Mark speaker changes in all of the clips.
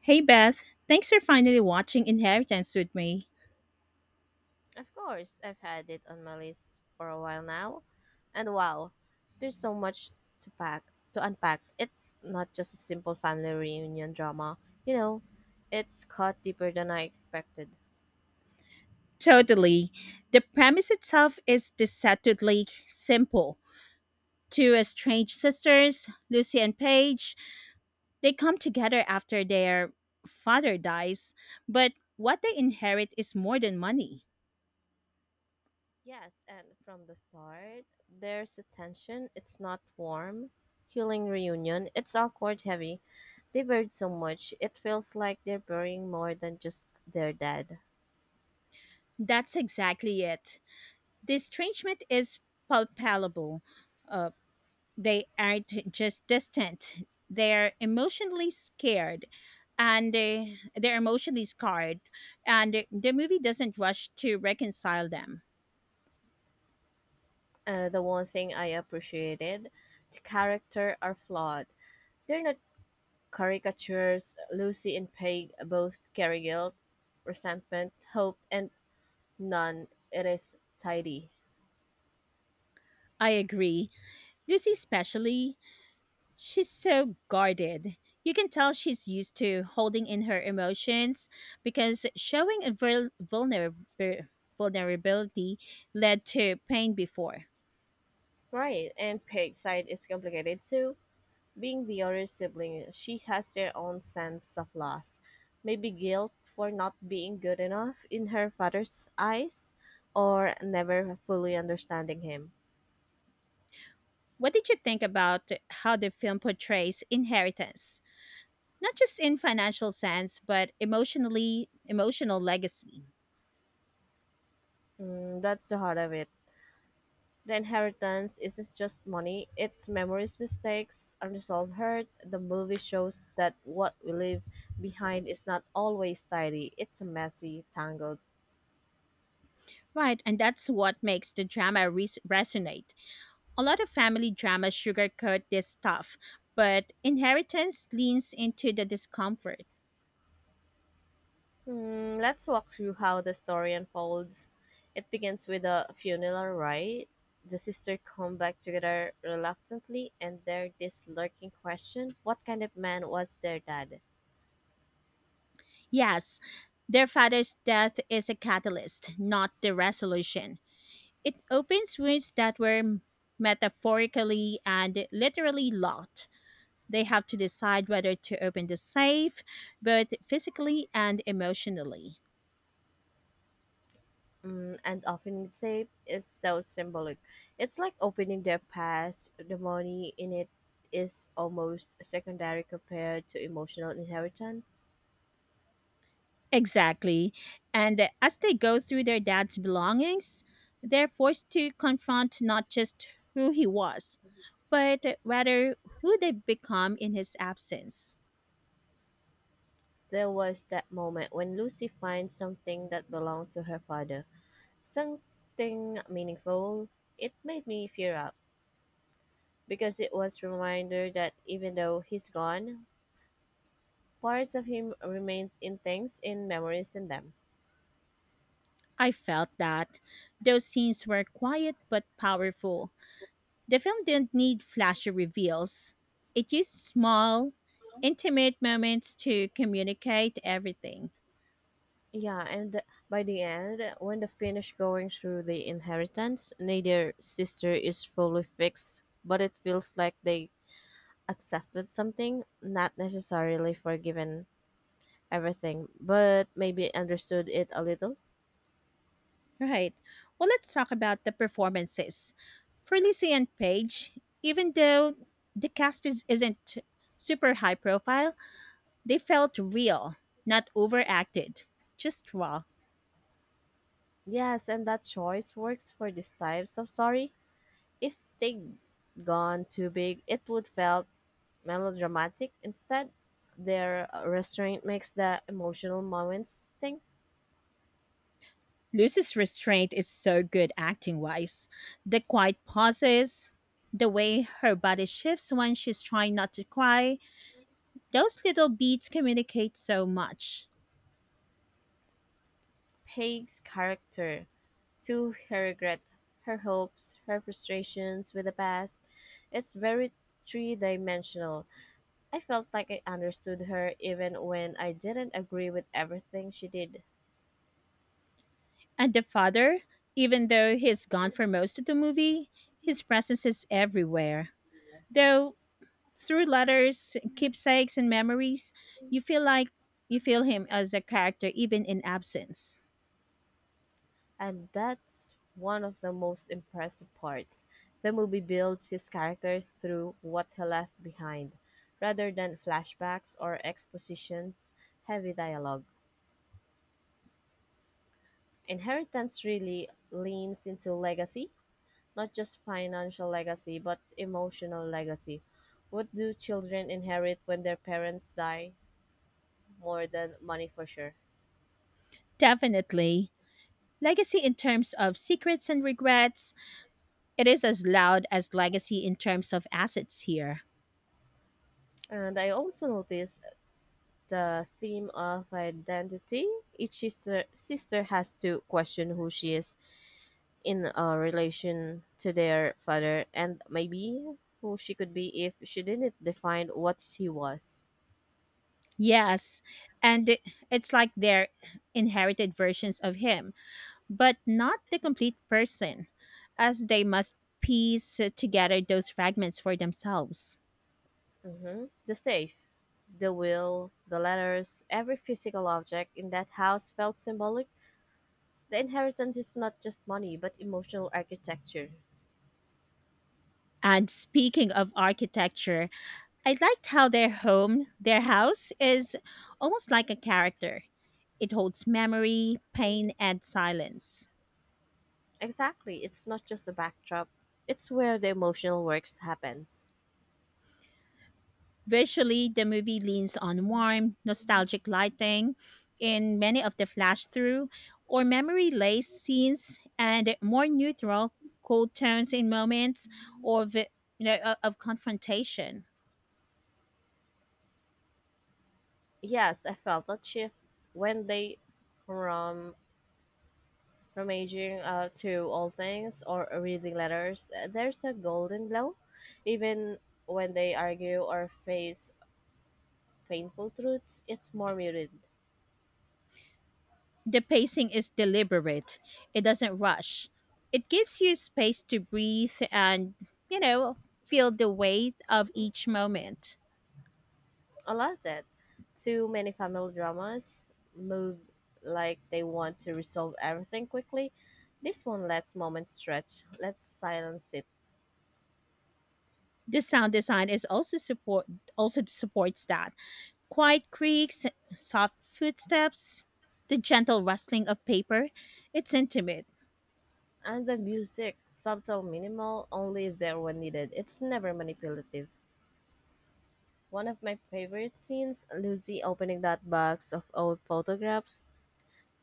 Speaker 1: Hey Beth, thanks for finally watching Inheritance with me.
Speaker 2: Of course, I've had it on my list for a while now. And wow, there's so much to pack, to unpack. It's not just a simple family reunion drama. You know, it's caught deeper than I expected.
Speaker 1: Totally. The premise itself is deceptively simple. Two estranged sisters, Lucy and Paige, they come together after their father dies, but what they inherit is more than money.
Speaker 2: Yes, and from the start, there's a tension. It's not warm. Healing reunion. It's awkward, heavy. They buried so much. It feels like they're burying more than just their dead.
Speaker 1: That's exactly it. The estrangement is palpable. Uh, they aren't just distant, they're emotionally scared and they're emotionally scarred. And the movie doesn't rush to reconcile them.
Speaker 2: The one thing I appreciated, the character are flawed. They're not caricatures. Lucy and Peg both carry guilt, resentment, hope, and none. It is tidy.
Speaker 1: I agree. Lucy, especially, she's so guarded. You can tell she's used to holding in her emotions because showing a vulnerability led to pain before.
Speaker 2: Right, and Peg's side is complicated too. Being the older sibling, she has their own sense of loss. Maybe guilt for not being good enough in her father's eyes, or never fully understanding him.
Speaker 1: What did you think about how the film portrays inheritance? Not just in financial sense, but emotionally, emotional legacy.
Speaker 2: Mm, that's the heart of it. The inheritance isn't just money, it's memories, mistakes, unresolved hurt. The movie shows that what we leave behind is not always tidy, it's messy, tangled.
Speaker 1: Right, and that's what makes the drama resonate. A lot of family dramas sugarcoat this stuff, but inheritance leans into the discomfort.
Speaker 2: Hmm, let's walk through how the story unfolds. It begins with a funeral, right? The sisters come back together reluctantly, and there's this lurking question: what kind of man was their dad?
Speaker 1: Yes, their father's death is a catalyst, not the resolution. It opens wounds that were metaphorically and literally locked. They have to decide whether to open the safe, both physically and emotionally.
Speaker 2: Mm, and often it's said is so symbolic. It's like opening their past, the money in it is almost secondary compared to emotional inheritance.
Speaker 1: Exactly. And as they go through their dad's belongings, they're forced to confront not just who he was, but rather who they've become in his absence.
Speaker 2: There was that moment when Lucy finds something that belonged to her father, something meaningful. It made me tear up because it was reminder that even though he's gone, parts of him remain in things, in memories, in them.
Speaker 1: I felt that. Those scenes were quiet but powerful. The film didn't need flashy reveals, it used small, intimate moments to communicate everything.
Speaker 2: Yeah, by the end, when they finish going through the inheritance, neither sister is fully fixed, but it feels like they accepted something, not necessarily forgiven everything, but maybe understood it a little.
Speaker 1: Right. Well, let's talk about the performances. For Lizzie and Paige, even though the cast isn't super high profile, they felt real, not overacted, just raw.
Speaker 2: Yes, and that choice works for these types of story. If they gone too big, it would felt melodramatic. Instead, their restraint makes the emotional moments think.
Speaker 1: Lucy's restraint is so good acting wise. The quiet pauses, the way her body shifts when she's trying not to cry, those little beats communicate so much.
Speaker 2: Peg's character to her regret, her hopes, her frustrations with the past. It's very three dimensional. I felt like I understood her even when I didn't agree with everything she did.
Speaker 1: And the father, even though he's gone for most of the movie, his presence is everywhere. Though through letters, keepsakes, and memories, you feel like you feel him as a character even in absence.
Speaker 2: And that's one of the most impressive parts. The movie builds his character through what he left behind, rather than flashbacks or expositions, heavy dialogue. Inheritance really leans into legacy, not just financial legacy, but emotional legacy. What do children inherit when their parents die? More than money for sure.
Speaker 1: Definitely. Legacy in terms of secrets and regrets, it is as loud as legacy in terms of assets here.
Speaker 2: And I also noticed the theme of identity. Each sister has to question who she is in a relation to their father and maybe who she could be if she didn't define what she was.
Speaker 1: Yes, and it's like they're inherited versions of him, but not the complete person, as they must piece together those fragments for themselves.
Speaker 2: Hmm. The safe, the will, the letters, every physical object in that house felt symbolic. The inheritance is not just money, but emotional architecture.
Speaker 1: And speaking of architecture, I liked how their home, their house, is almost like a character. It holds memory, pain, and silence.
Speaker 2: Exactly, it's not just a backdrop. It's where the emotional works happens.
Speaker 1: Visually, the movie leans on warm, nostalgic lighting in many of the flash through or memory lace scenes and more neutral, cool tones in moments or of confrontation.
Speaker 2: Yes, I felt that shift when they from from aging to all things or reading letters. There's a golden glow, even when they argue or face painful truths. It's more muted.
Speaker 1: The pacing is deliberate. It doesn't rush. It gives you space to breathe and, you know, feel the weight of each moment.
Speaker 2: I love that. Too many family dramas move like they want to resolve everything quickly. This one lets moments stretch, lets silence it.
Speaker 1: The sound design is also supports that. Quiet creaks, soft footsteps, the gentle rustling of paper. It's intimate.
Speaker 2: And the music, subtle, minimal, only there when needed. It's never manipulative. One of my favorite scenes, Lucy opening that box of old photographs.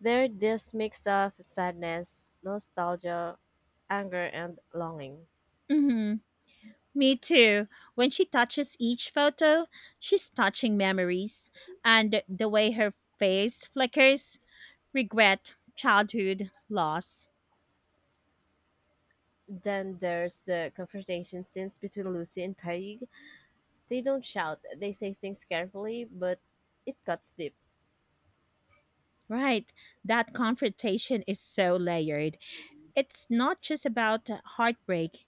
Speaker 2: There, this mix of sadness, nostalgia, anger, and longing.
Speaker 1: Mhm. Me too. When she touches each photo, she's touching memories. And the way her face flickers, regret, childhood, loss.
Speaker 2: Then there's the confrontation scenes between Lucy and Peg. They don't shout, they say things carefully, but it cuts deep.
Speaker 1: Right. That confrontation is so layered. It's not just about heartbreak,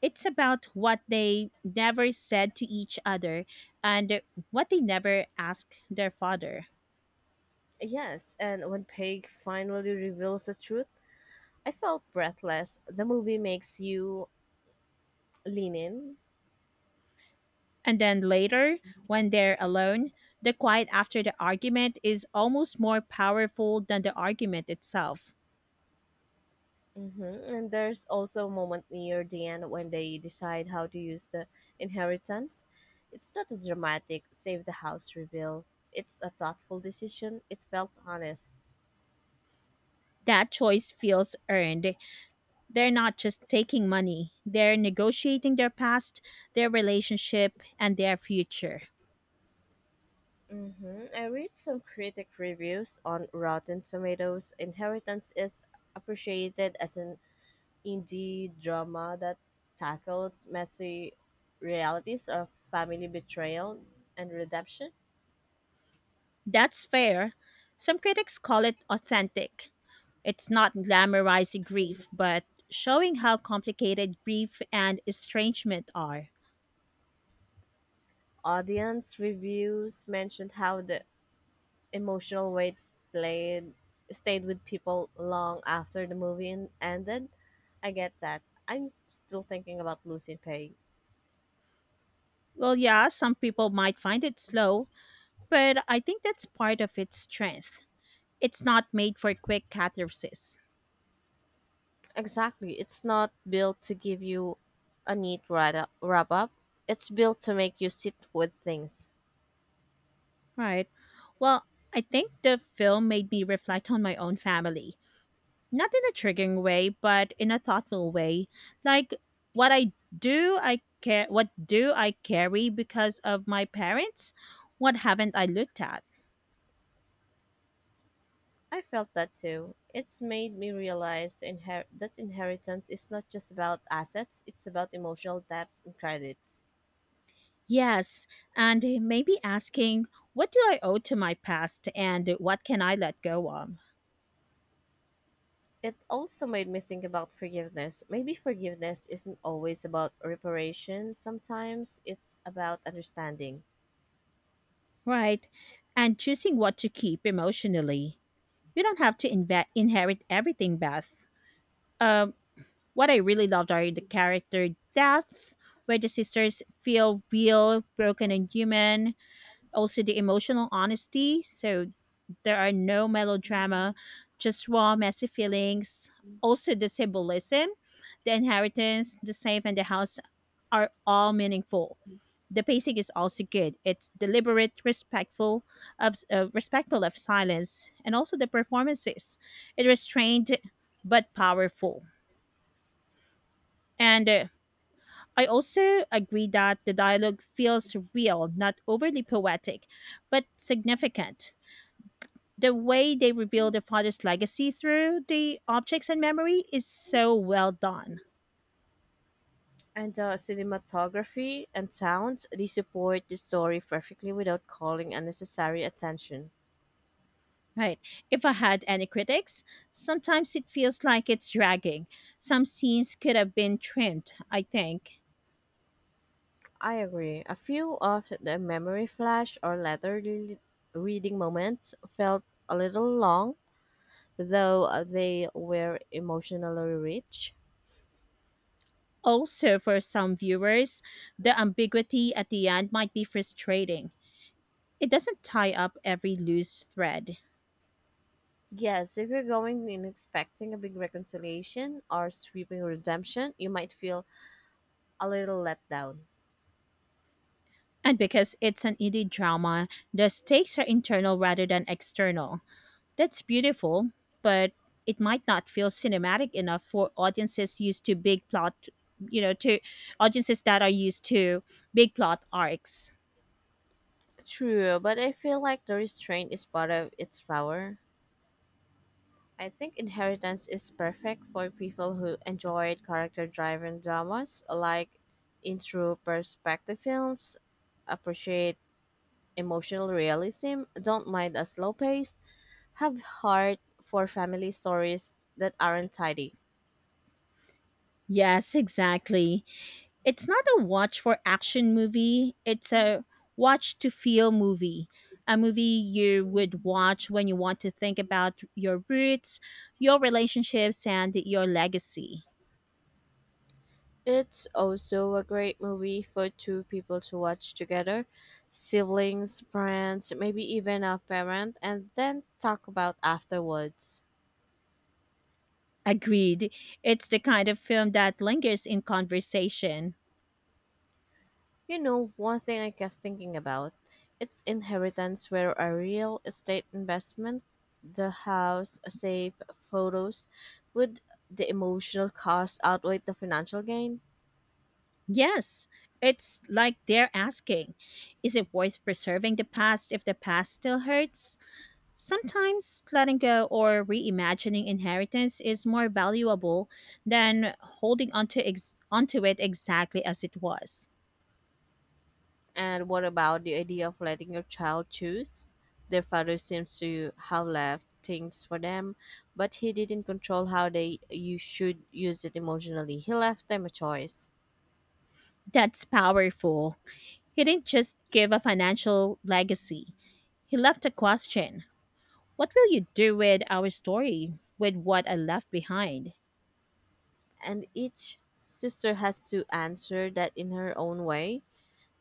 Speaker 1: it's about what they never said to each other and what they never asked their father.
Speaker 2: Yes, and when Peg finally reveals the truth, I felt breathless. The movie makes you lean in.
Speaker 1: And then later, when they're alone, the quiet after the argument is almost more powerful than the argument itself.
Speaker 2: Hmm. And there's also a moment near the end when they decide how to use the inheritance. It's not a dramatic save the house reveal, it's a thoughtful decision. It felt honest.
Speaker 1: That choice feels earned. They're not just taking money, they're negotiating their past, their relationship, and their future.
Speaker 2: Hmm, I read some critic reviews on Rotten Tomatoes. Inheritance is appreciated as an indie drama that tackles messy realities of family betrayal and redemption.
Speaker 1: That's fair. Some critics call it authentic. It's not glamorizing grief, but showing how complicated grief and estrangement are.
Speaker 2: Audience reviews mentioned how the emotional weights played stayed with people long after the movie ended. I get that. I'm still thinking about losing pay.
Speaker 1: Well, yeah, some people might find it slow, but I think that's part of its strength. It's not made for quick catharsis.
Speaker 2: Exactly. It's not built to give you a wrap up. It's built to make you sit with things.
Speaker 1: Right. Well, I think the film made me reflect on my own family. Not in a triggering way, but in a thoughtful way. Like what I do I care what do I carry because of my parents? What haven't I looked at?
Speaker 2: I felt that too. It's made me realize that inheritance is not just about assets, it's about emotional depth and credits.
Speaker 1: Yes, and maybe asking what do I owe to my past and what can I let go of?
Speaker 2: It also made me think about forgiveness. Maybe forgiveness isn't always about reparation, sometimes it's about understanding.
Speaker 1: Right. And choosing what to keep emotionally. You don't have to inherit everything, Beth. Uh, What I really loved are the character deaths, where the sisters feel real, broken, and human. Also, the emotional honesty. So, there are no melodrama, just raw, messy feelings. Also, the symbolism, the inheritance, the safe, and the house are all meaningful. The pacing is also good. It's deliberate, respectful of silence, and also the performances. It restrained but powerful. And I also agree that the dialogue feels real, not overly poetic, but significant. The way they reveal the father's legacy through the objects and memory is so well done.
Speaker 2: And Cinematography and sounds, they support the story perfectly without calling unnecessary attention.
Speaker 1: Right. If I had any critics, sometimes it feels like it's dragging. Some scenes could have been trimmed, I think.
Speaker 2: I agree. A few of the memory flash or reading moments felt a little long, though they were emotionally rich.
Speaker 1: Also, for some viewers, the ambiguity at the end might be frustrating. It doesn't tie up every loose thread.
Speaker 2: Yes, if you're going in expecting a big reconciliation or sweeping redemption, you might feel a little let down.
Speaker 1: And because it's an indie drama, the stakes are internal rather than external. That's beautiful, but it might not feel cinematic enough for audiences used to big plot, you know, to audiences that are used to big plot arcs.
Speaker 2: True, but I feel like the restraint is part of its power. I think Inheritance is perfect for people who enjoyed character driven dramas like intro perspective films, appreciate emotional realism, don't mind a slow pace, have heart for family stories that aren't tidy.
Speaker 1: Yes, exactly. It's not a watch for action movie, it's a watch to feel movie. A movie you would watch when you want to think about your roots, your relationships, and your legacy.
Speaker 2: It's also a great movie for two people to watch together, siblings, friends, maybe even a parent, and then talk about afterwards.
Speaker 1: Agreed. It's the kind of film that lingers in conversation.
Speaker 2: You know, one thing I kept thinking about, it's inheritance where a real estate investment, the house, save photos, would the emotional cost outweigh the financial gain?
Speaker 1: Yes, it's like they're asking, is it worth preserving the past if the past still hurts? Sometimes letting go or reimagining inheritance is more valuable than onto it exactly as it was.
Speaker 2: And what about the idea of letting your child choose? Their father seems to have left things for them, but he didn't control how they you should use it emotionally. He left them a choice.
Speaker 1: That's powerful. He didn't just give a financial legacy, he left a question. What will you do with our story, with what I left behind?
Speaker 2: And each sister has to answer that in her own way.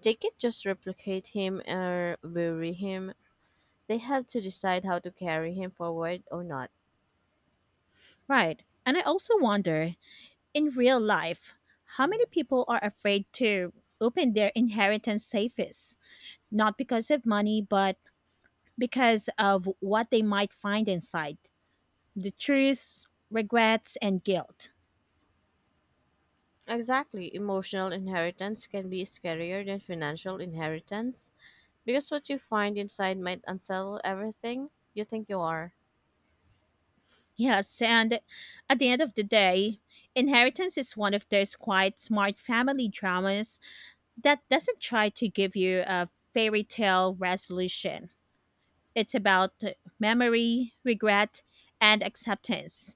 Speaker 2: They can't just replicate him or bury him. They have to decide how to carry him forward or not.
Speaker 1: Right. And I also wonder, in real life, how many people are afraid to open their inheritance safes? Not because of money, but because of what they might find inside, the truth, regrets, and guilt.
Speaker 2: Exactly. Emotional inheritance can be scarier than financial inheritance, because what you find inside might unsettle everything you think you are.
Speaker 1: Yes, and at the end of the day, inheritance is one of those quite smart family dramas that doesn't try to give you a fairy tale resolution. It's about memory, regret, and acceptance,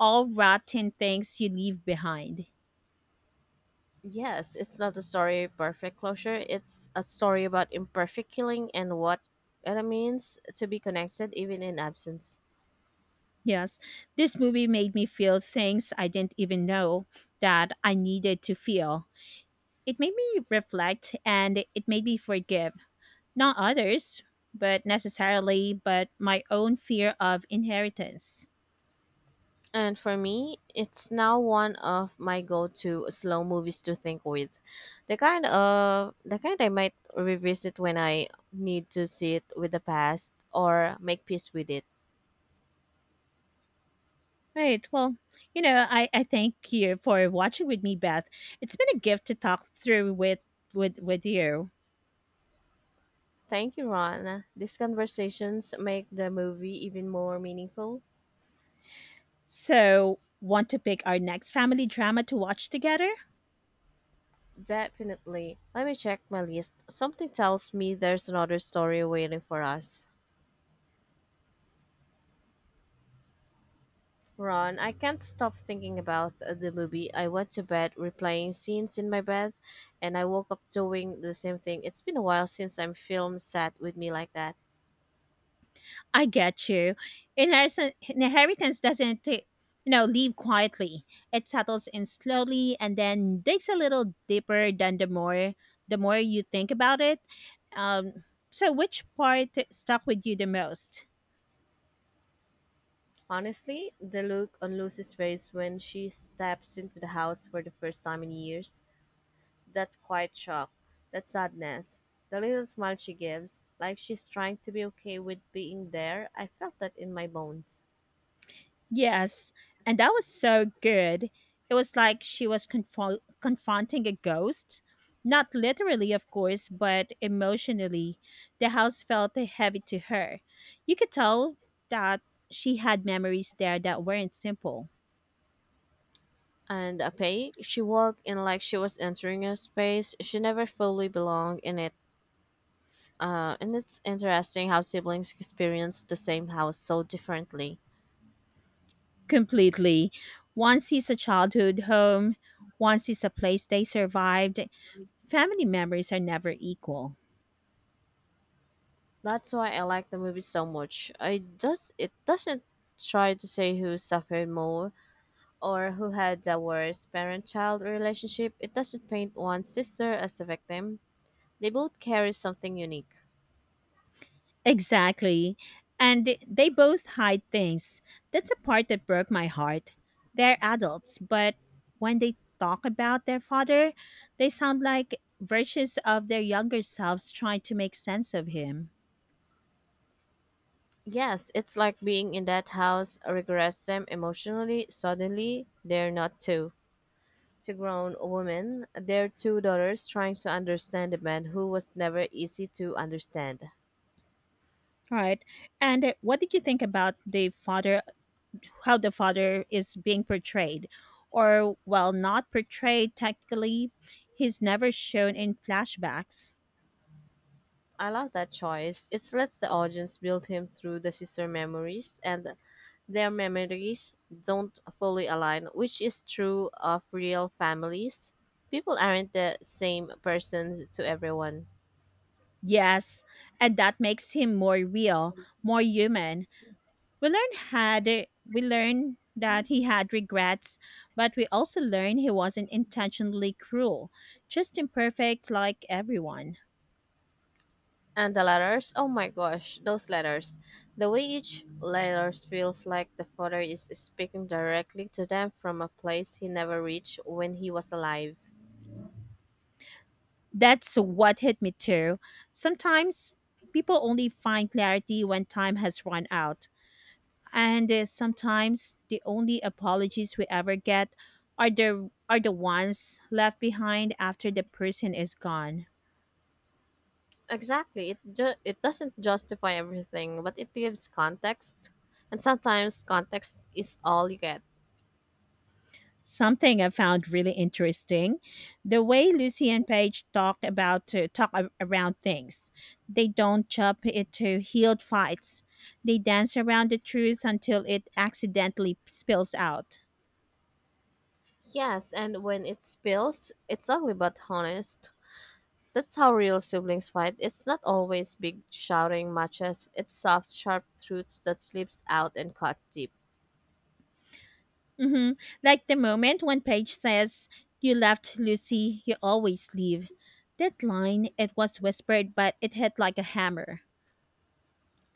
Speaker 1: all rotten things you leave behind.
Speaker 2: Yes, it's not a story of perfect closure. It's a story about imperfect healing and what it means to be connected even in absence.
Speaker 1: Yes, this movie made me feel things I didn't even know that I needed to feel. It made me reflect and it made me forgive, not others, but necessarily, but my own fear of inheritance.
Speaker 2: And for me, it's now one of my go-to slow movies to think with. The kind I might revisit when I need to sit with the past or make peace with it.
Speaker 1: Right. Well, I thank you for watching with me, Beth. It's been a gift to talk through with you.
Speaker 2: Thank you, Ron. These conversations make the movie even more meaningful.
Speaker 1: So, want to pick our next family drama to watch together?
Speaker 2: Definitely. Let me check my list. Something tells me there's another story waiting for us. Ron, I can't stop thinking about the movie. I went to bed replaying scenes in my bed, and I woke up doing the same thing. It's been a while since I'm film sat with me like that.
Speaker 1: I get you. Inheritance doesn't, leave quietly. It settles in slowly and then digs a little deeper than the more you think about it. Um, so, which part stuck with you the most?
Speaker 2: Honestly, the look on Lucy's face when she steps into the house for the first time in years, that quiet shock, that sadness, the little smile she gives, like she's trying to be okay with being there. I felt that in my bones.
Speaker 1: Yes, and that was so good. It was like she was confronting a ghost. Not literally, of course, but emotionally. The house felt heavy to her. You could tell that she had memories there that weren't simple.
Speaker 2: And Apei, she walked in like she was entering a space she never fully belonged in. It's and it's interesting how siblings experience the same house so differently.
Speaker 1: Completely. One sees a childhood home, one sees a place they survived. Family memories are never equal.
Speaker 2: That's why I like the movie so much. I does it doesn't try to say who suffered more or who had the worst parent child relationship, it doesn't paint one sister as the victim. They both carry something unique.
Speaker 1: Exactly. And they both hide things. That's a part that broke my heart. They're adults, but when they talk about their father, they sound like versions of their younger selves trying to make sense of him.
Speaker 2: Yes, it's like being in that house regrets them emotionally. Suddenly, they're not two. Two grown women, they're two daughters trying to understand a man who was never easy to understand.
Speaker 1: Right. And what did you think about the father how the father is being portrayed, or while not portrayed technically, he's never shown in flashbacks.
Speaker 2: I love that choice. It lets the audience build him through the sister memories, and their memories don't fully align, which is true of real families. People aren't the same person to everyone.
Speaker 1: Yes, and that makes him more real, more human. we learn had we learn that he had regrets, but we also learn he wasn't intentionally cruel, just imperfect like everyone.
Speaker 2: And the letters, oh my gosh, those letters. The way each letter feels like the father is speaking directly to them from a place he never reached when he was alive.
Speaker 1: That's what hit me too. Sometimes people only find clarity when time has run out. And sometimes the only apologies we ever get are the ones left behind after the person is gone.
Speaker 2: Exactly. It doesn't justify everything, but it gives context, and sometimes context is all you get.
Speaker 1: Something I found really interesting. The way Lucy and Paige around things. They don't jump into healed fights. They dance around the truth until it accidentally spills out.
Speaker 2: Yes, and when it spills, it's ugly but honest. That's how real siblings fight. It's not always big shouting matches. It's soft, sharp truths that slips out and cut deep.
Speaker 1: Mm-hmm. Like the moment one page says, you left Lucy, you always leave. That line, it was whispered, but it hit like a hammer.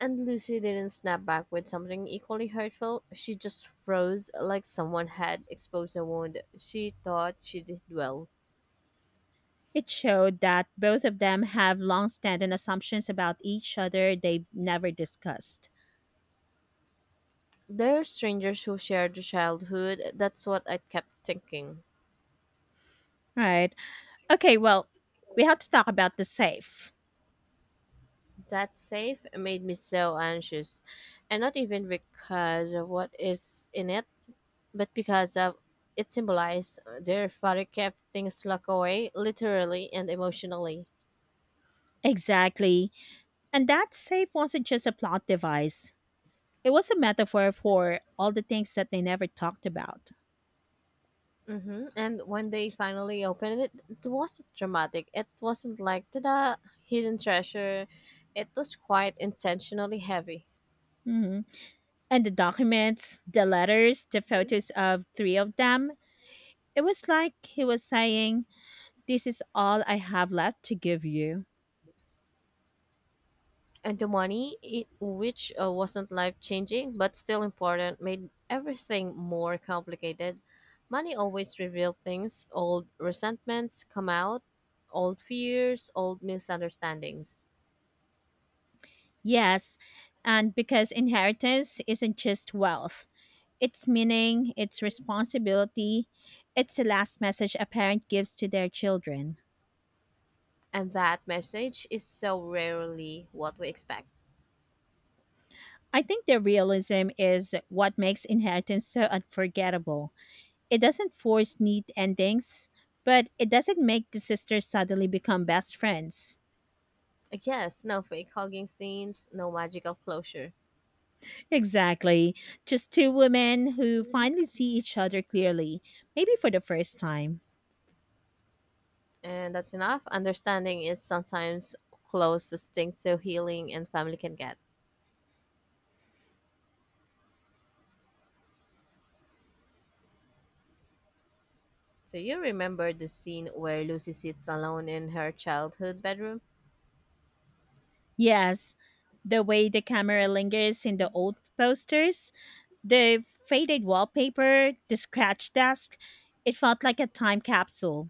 Speaker 2: And Lucy didn't snap back with something equally hurtful. She just froze like someone had exposed a wound. She thought she did well.
Speaker 1: It showed that both of them have long standing assumptions about each other they've never discussed.
Speaker 2: They're strangers who shared a childhood. That's what I kept thinking.
Speaker 1: Right. Okay, well, we have to talk about the safe.
Speaker 2: That safe made me so anxious. And not even because of what is in it, but because of it symbolized their father kept things locked away, literally and emotionally.
Speaker 1: Exactly. And that safe wasn't just a plot device. It was a metaphor for all the things that they never talked about.
Speaker 2: Hmm. And when they finally opened it, it wasn't dramatic. It wasn't like, ta da, hidden treasure. It was quite intentionally heavy.
Speaker 1: Hmm. And the documents, the letters, the photos of three of them, it was like he was saying, this is all I have left to give you.
Speaker 2: And the money, it, which wasn't life changing but still important, made everything more complicated. Money always revealed things, old resentments come out, old fears, old misunderstandings.
Speaker 1: Yes, and because inheritance isn't just wealth, it's meaning, it's responsibility, it's the last message a parent gives to their children.
Speaker 2: And that message is so rarely what we expect.
Speaker 1: I think the realism is what makes Inheritance so unforgettable. It doesn't force neat endings, but it doesn't make the sisters suddenly become best friends.
Speaker 2: I guess no fake hugging scenes, no magical closure.
Speaker 1: Exactly. Just two women who finally see each other clearly, maybe for the first time.
Speaker 2: And that's enough. Understanding is sometimes closest thing to healing and family can get. So you remember the scene where Lucy sits alone in her childhood bedroom?
Speaker 1: Yes, the way the camera lingers in the old posters, the faded wallpaper, the scratch desk, it felt like a time capsule.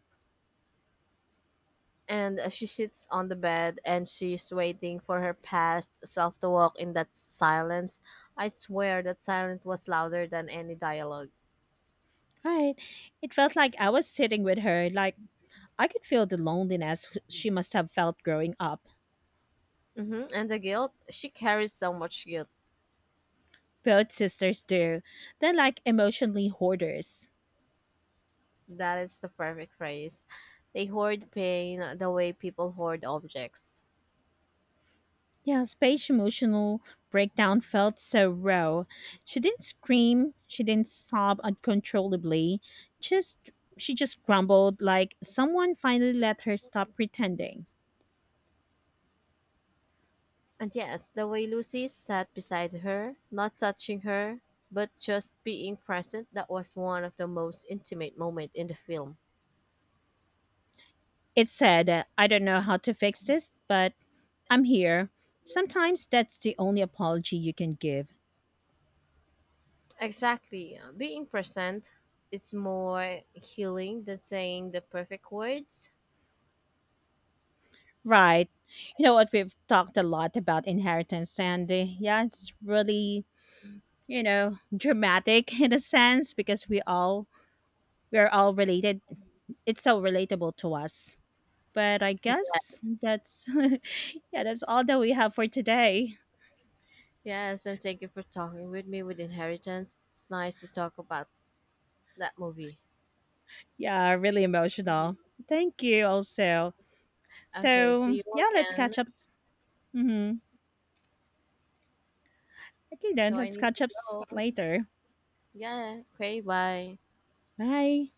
Speaker 2: And she sits on the bed and she's waiting for her past self to walk in that silence. I swear that silence was louder than any dialog.
Speaker 1: Right. It felt like I was sitting with her, like I could feel the loneliness she must have felt growing up.
Speaker 2: Hmm. And the guilt? She carries so much guilt.
Speaker 1: Both sisters do. They're like emotionally hoarders.
Speaker 2: That is the perfect phrase. They hoard pain the way people hoard objects.
Speaker 1: Yeah, Space's emotional breakdown felt so raw. She didn't scream, she didn't sob uncontrollably. Just she just grumbled like someone finally let her stop pretending.
Speaker 2: And yes, the way Lucy sat beside her, not touching her, but just being present, that was one of the most intimate moments in the film.
Speaker 1: It said, I don't know how to fix this, but I'm here. Sometimes that's the only apology you can give.
Speaker 2: Exactly. Being present, it's more healing than saying the perfect words.
Speaker 1: Right. You know what, we've talked a lot about inheritance and yeah, it's really, you know, dramatic in a sense because we're all related, it's so relatable to us. But I guess
Speaker 2: Yes.
Speaker 1: that's yeah, that's all that we have for today.
Speaker 2: Yes, and thank you for talking with me with Inheritance. It's nice to talk about that movie.
Speaker 1: Yeah, really emotional. Thank you also.
Speaker 2: Okay,
Speaker 1: So
Speaker 2: see you
Speaker 1: yeah, let's
Speaker 2: again.
Speaker 1: catch up. Mhm. Okay
Speaker 2: So
Speaker 1: then,
Speaker 2: I
Speaker 1: let's
Speaker 2: need to
Speaker 1: catch up
Speaker 2: go.
Speaker 1: later.
Speaker 2: Yeah, okay, bye.
Speaker 1: Bye.